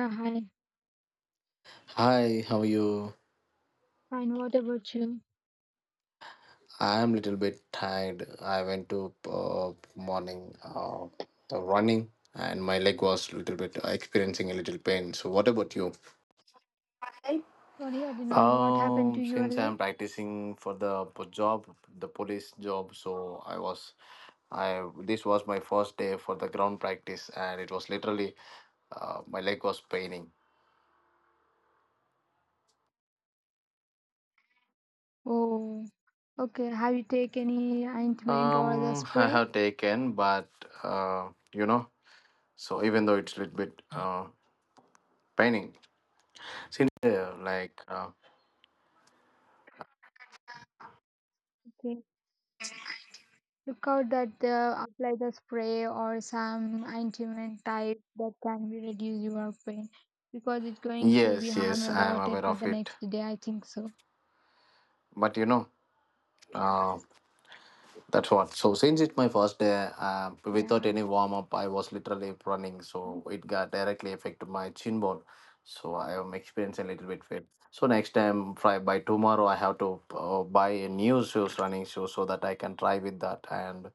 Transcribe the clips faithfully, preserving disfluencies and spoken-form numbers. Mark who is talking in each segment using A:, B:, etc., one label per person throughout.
A: Yeah, hi.
B: Hi, how are you?
A: Fine. What about you?
B: I am little bit tired. I went to uh, morning uh, the running and my leg was little bit experiencing a little pain. So what about you?
A: Sorry, I did not. What happened to
B: Um,
A: your
B: since
A: leg?
B: I'm practicing for the po- job, the police job, so I was, I this was my first day for the ground practice, and it was literally, uh, my leg was paining.
A: Oh, okay, have you taken any ointment or the
B: Um, I
A: spray?
B: have taken, but uh, you know, so even though it's a little bit uh paining, sincere, like, uh,
A: Okay. Look out that uh, apply the spray or some ointment type that can be reduce your pain because it's going to be
B: yes,
A: harm
B: yes,
A: a
B: I am
A: lot
B: aware
A: for
B: of
A: the
B: it.
A: next day. I think so.
B: But you know, uh, that's what. So, since it's my first day, uh, without
A: Yeah.
B: any warm up, I was literally running. So, it got directly affected my chin bone. So, I am experiencing a little bit fit. So, next time, fri- by tomorrow, I have to uh, buy a new shoes, running shoes, so that I can try with that. And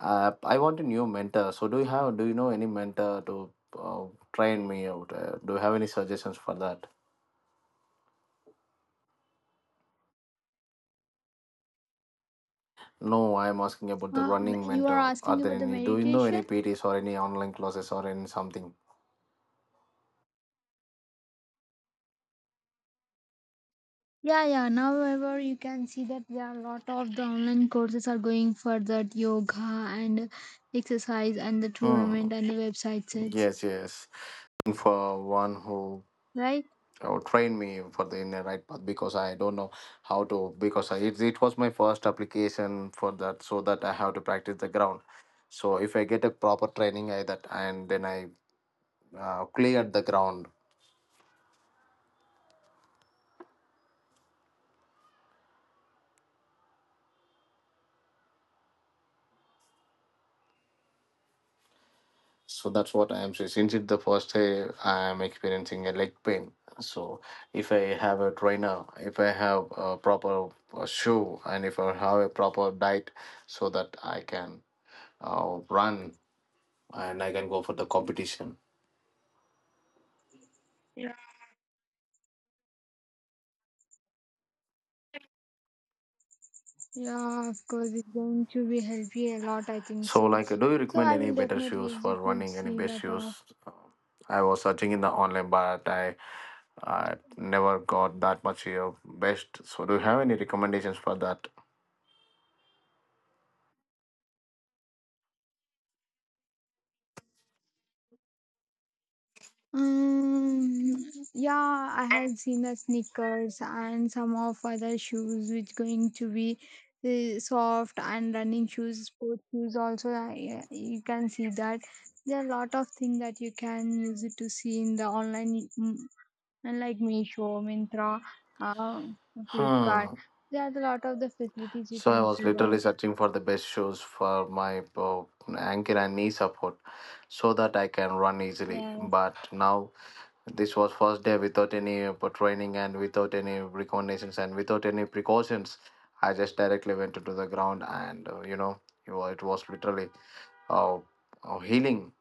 B: uh, I want a new mentor. So, do you have, do you know any mentor to uh, train me out? Uh, do you have any suggestions for that? No, I'm asking about the
A: Um,
B: running
A: you are
B: mentor. Are
A: asking
B: there
A: about the
B: any? Do you know any
A: meditation.
B: P Ts or any online classes or any something?
A: Yeah, yeah. However, you can see that there are a lot of the online courses are going for that yoga and exercise and the tournament
B: Hmm.
A: and the website sets,
B: Yes, yes. For one who
A: right?
B: uh, trained me for the in the right path because I don't know how to because I, it it was my first application for that so that I have to practice the ground. So if I get a proper training, I that and then I uh, cleared the ground. So that's what I am saying. Since it's the first day I am experiencing a leg pain. So if I have a trainer, if I have a proper uh, shoe, and if I have a proper diet, so that I can uh, run and I can go for the competition.
A: Yeah, of course, it's going to be help you a lot. I think
B: So
A: so.
B: like, do you
A: So
B: recommend
A: I
B: any
A: will
B: better
A: definitely
B: shoes
A: use
B: for
A: it to
B: running? Any
A: see
B: best
A: that. Uh,
B: shoes? Uh, I was searching in the online, but I I never got that much of best. So do you have any recommendations for that?
A: Um, yeah, I have seen the sneakers and some of other shoes which going to be the soft and running shoes, sports shoes also. I, you can see that there are a lot of things that you can use it to see in the online, mm, and like Meesho, Mintra, uh, Flipkart.
B: Hmm.
A: There are a lot of the facilities you
B: So I
A: can
B: was
A: see
B: literally
A: that.
B: searching for the best shoes for my uh, ankle and knee support so that I can run easily.
A: Yeah.
B: But now this was first day without any uh, training and without any recommendations and without any precautions. I just directly went into the ground and uh, you know it wa- it was literally uh, uh, healing.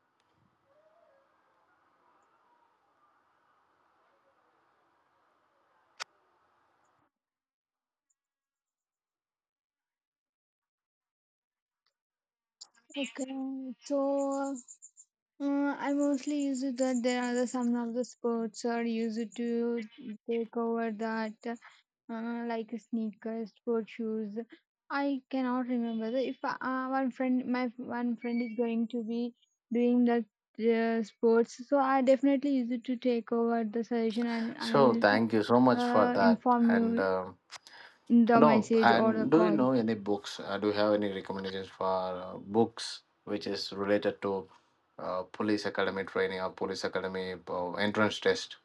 A: Okay. So Uh, I mostly use it that there are the, some of the sports are used to take over that uh, like sneakers, sport shoes. I cannot remember the, if uh, one friend, my one friend is going to be doing that uh, sports, so I definitely use it to take over the suggestion and I
B: So
A: will
B: thank you so much for
A: uh,
B: that
A: inform you
B: and. Um,
A: in the
B: No,
A: message or the
B: and do you
A: call.
B: know any books? Uh, do you have any recommendations for uh, books which is related to uh, police academy training or police academy uh, entrance test?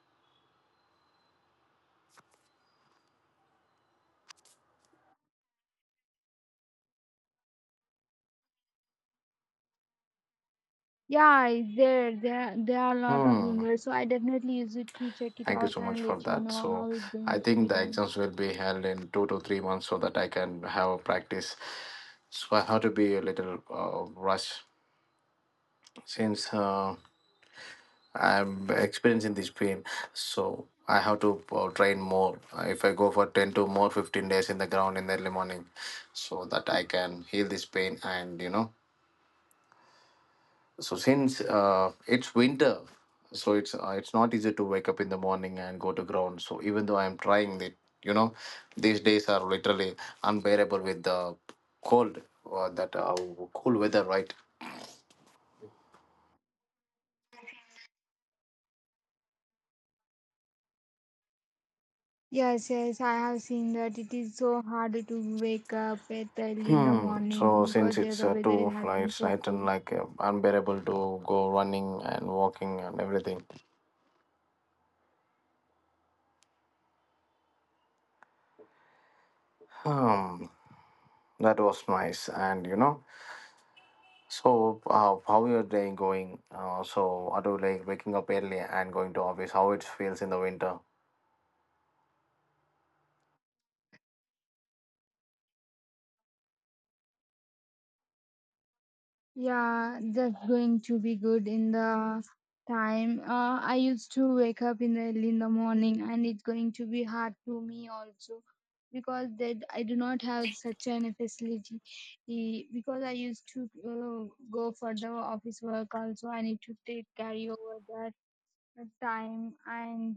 A: Yeah, I- there there there are a lot of
B: Hmm.
A: members, so I definitely use it to check it
B: Thank you
A: out
B: so much
A: and
B: for
A: let you
B: that.
A: know
B: So
A: how it's
B: I
A: going to
B: think
A: be
B: the
A: done.
B: exams will be held in two to three months so that I can have a practice. So I have to be a little uh, rush since. Uh, I'm experiencing this pain, so I have to uh, train more. Uh, If I go for ten to more fifteen days in the ground in the early morning, so that I can heal this pain. And you know, so since uh, it's winter, so it's uh, it's not easy to wake up in the morning and go to ground. So even though I'm trying it, you know, these days are literally unbearable with the cold or that uh, cool weather, right?
A: Yes, yes, I have seen that it is so hard to wake up at early in the
B: Hmm.
A: morning
B: So since
A: because there
B: it's
A: the
B: uh,
A: weather
B: two
A: it has been
B: flights,
A: so
B: I turn
A: cool.
B: like uh, unbearable to go running and walking and everything. Hmm. That was nice. And you know, so uh, how your day going? Uh, so are you like waking up early and going to office? How it feels in the winter?
A: Yeah, that's going to be good in the time. Uh, I used to wake up in the early in the morning, and it's going to be hard to me also because that I do not have such an facility. Eh, because I used to uh, go for the office work also, I need to take carry over that time, and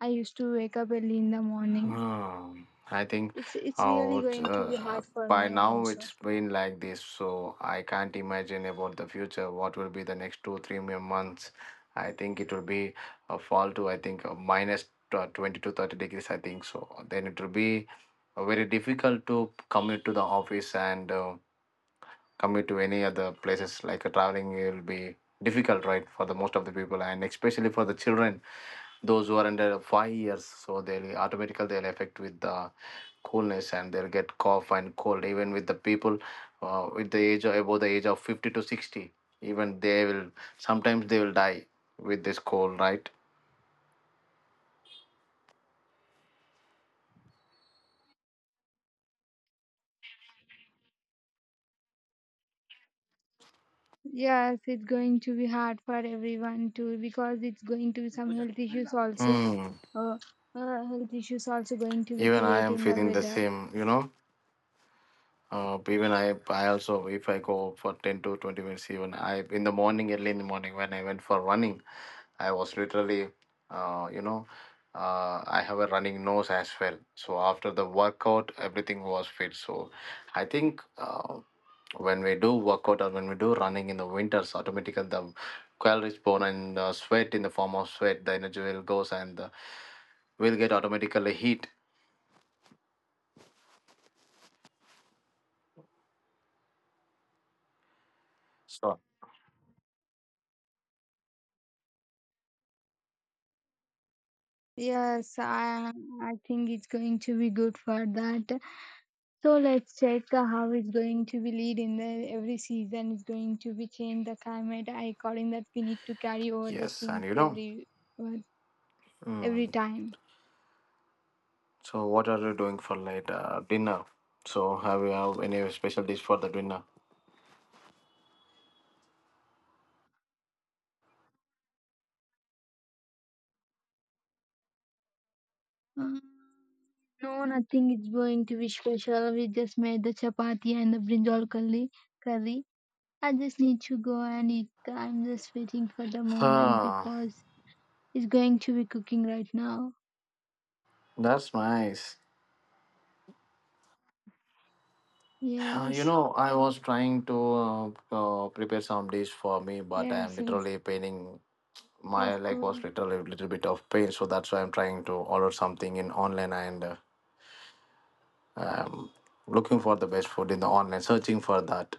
A: I used to wake up early in the morning.
B: Hmm. I think
A: It's it's really
B: out
A: going to be
B: uh,
A: hard for
B: by
A: me
B: now
A: also.
B: it's been like this, so I can't imagine about the future. What will be the next two, three mere months? I think it will be a fall to I think uh, minus uh, twenty to thirty degrees. I think so. Then it will be uh, very difficult to commute to the office and uh, commute to any other places. Like uh, traveling will be difficult, right, for the most of the people, and especially for the children those who are under five years so they'll automatically they'll affect with the coolness and they'll get cough and cold even with the people uh, with the age of above the age of fifty to sixty even they will sometimes they will die with this cold, right?
A: Yes, it's going to be hard for everyone too because it's going to be some health issues also.
B: Hmm.
A: Uh, uh, health issues also going to be
B: Even I
A: created
B: am
A: in the
B: feeling the
A: weather.
B: same, you know. Uh, even I, I also, if I go for ten to twenty minutes, even I, in the morning, early in the morning, when I went for running, I was literally, uh, you know, uh, I have a running nose as well. So after the workout, everything was fit. So I think uh, when we do workout or when we do running in the winters, automatically the calories burn and the sweat in the form of sweat, the energy will goes and uh, we'll get automatically heat. So
A: Yes, I I think it's going to be good for that. So let's check how it's going to be lead in the every season is going to be change the climate. I according that we need to carry over the
B: yes, and
A: things
B: you know.
A: every every
B: Mm.
A: time.
B: So, what are you doing for late uh, dinner? So, have you have any special dish for the dinner?
A: Mm, no, nothing is going to be special. We just made the chapati and the brinjal curry. Curry. I just need to go and eat. I'm just waiting for the moment
B: Ah,
A: because it's going to be cooking right now.
B: that's nice. Uh, You
A: Yes.
B: know, I was trying to uh, uh, prepare some dish for me, but I am
A: Yes, yes,
B: literally paining. My
A: of
B: leg was
A: course.
B: literally a little bit of pain, so that's why I'm trying to order something in online and uh, I'm looking for the best food in the online, searching for that.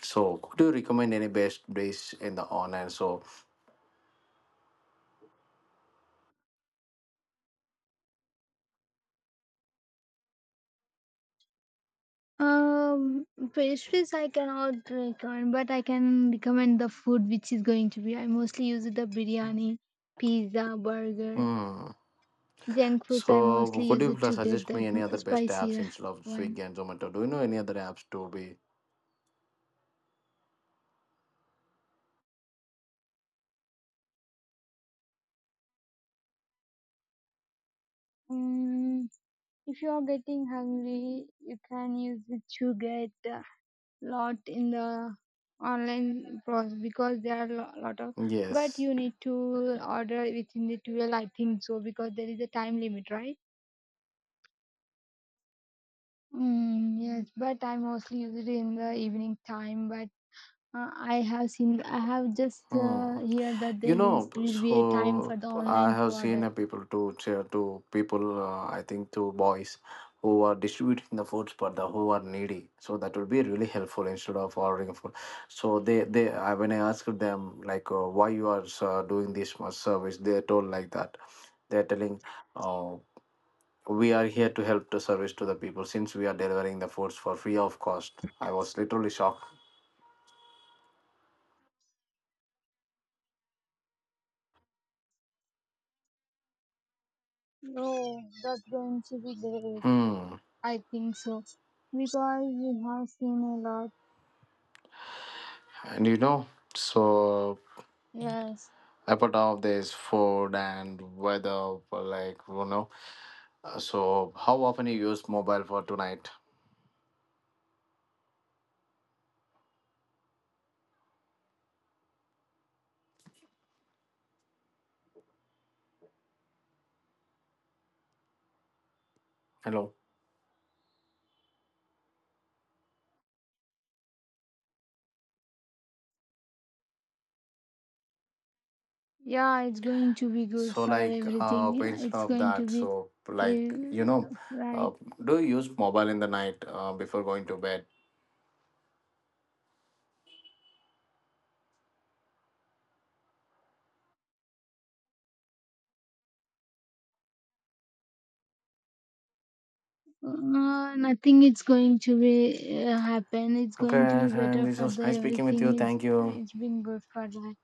B: So, could you recommend any best dish in the online? So,
A: Um, Pastries I cannot recommend, but I can recommend the food which is going to be. I mostly use the biryani, pizza, burger,
B: hmm,
A: junk foods.
B: so,
A: I mostly
B: could
A: use
B: you
A: it
B: plus
A: to get
B: suggest
A: that
B: me any other best apps
A: spicy
B: instead of
A: one.
B: Swiggy and Zomato? Do you know any other apps to be?
A: Mm, if you are getting hungry, you can use it to get a lot in the online process because there are lo- lot of. But
B: Yes.
A: you need to order within the twelve, I think so, because there is a time limit, right? Mm, yes, but I mostly use it in the evening time. But uh, I have seen, I have just
B: Hmm.
A: uh, heard that
B: You
A: there
B: know,
A: is will be a time
B: so
A: for the
B: I
A: online to
B: have seen uh,
A: order.
B: people to share to people. Uh, I think to boys who are distributing the foods, but the who are needy. So that would be really helpful instead of ordering food. So they they I, when I asked them like uh, why you are uh, doing this much service, they told like that. They're telling. uh, we are here to help to service to the people since we are delivering the foods for free of cost. I was literally shocked.
A: No, that's going to be great.
B: Hmm.
A: I think so. Because we have seen a lot.
B: And you know, so
A: Yes.
B: apart of this food and weather, like you know, uh, so how often you use mobile for tonight? Hello.
A: Yeah, it's going to be good
B: So
A: for
B: like uh
A: everything. Yeah,
B: instead
A: it's
B: of
A: going to
B: that,
A: be
B: so like you
A: uh,
B: know, uh,
A: right.
B: do you use mobile in the night uh, before going to bed?
A: Uh, nothing is going to be uh, happen. It's going to
B: Okay,
A: be
B: and
A: better
B: this
A: for the
B: was nice speaking with you.
A: everything. It's
B: Thank you.
A: it's been good for life.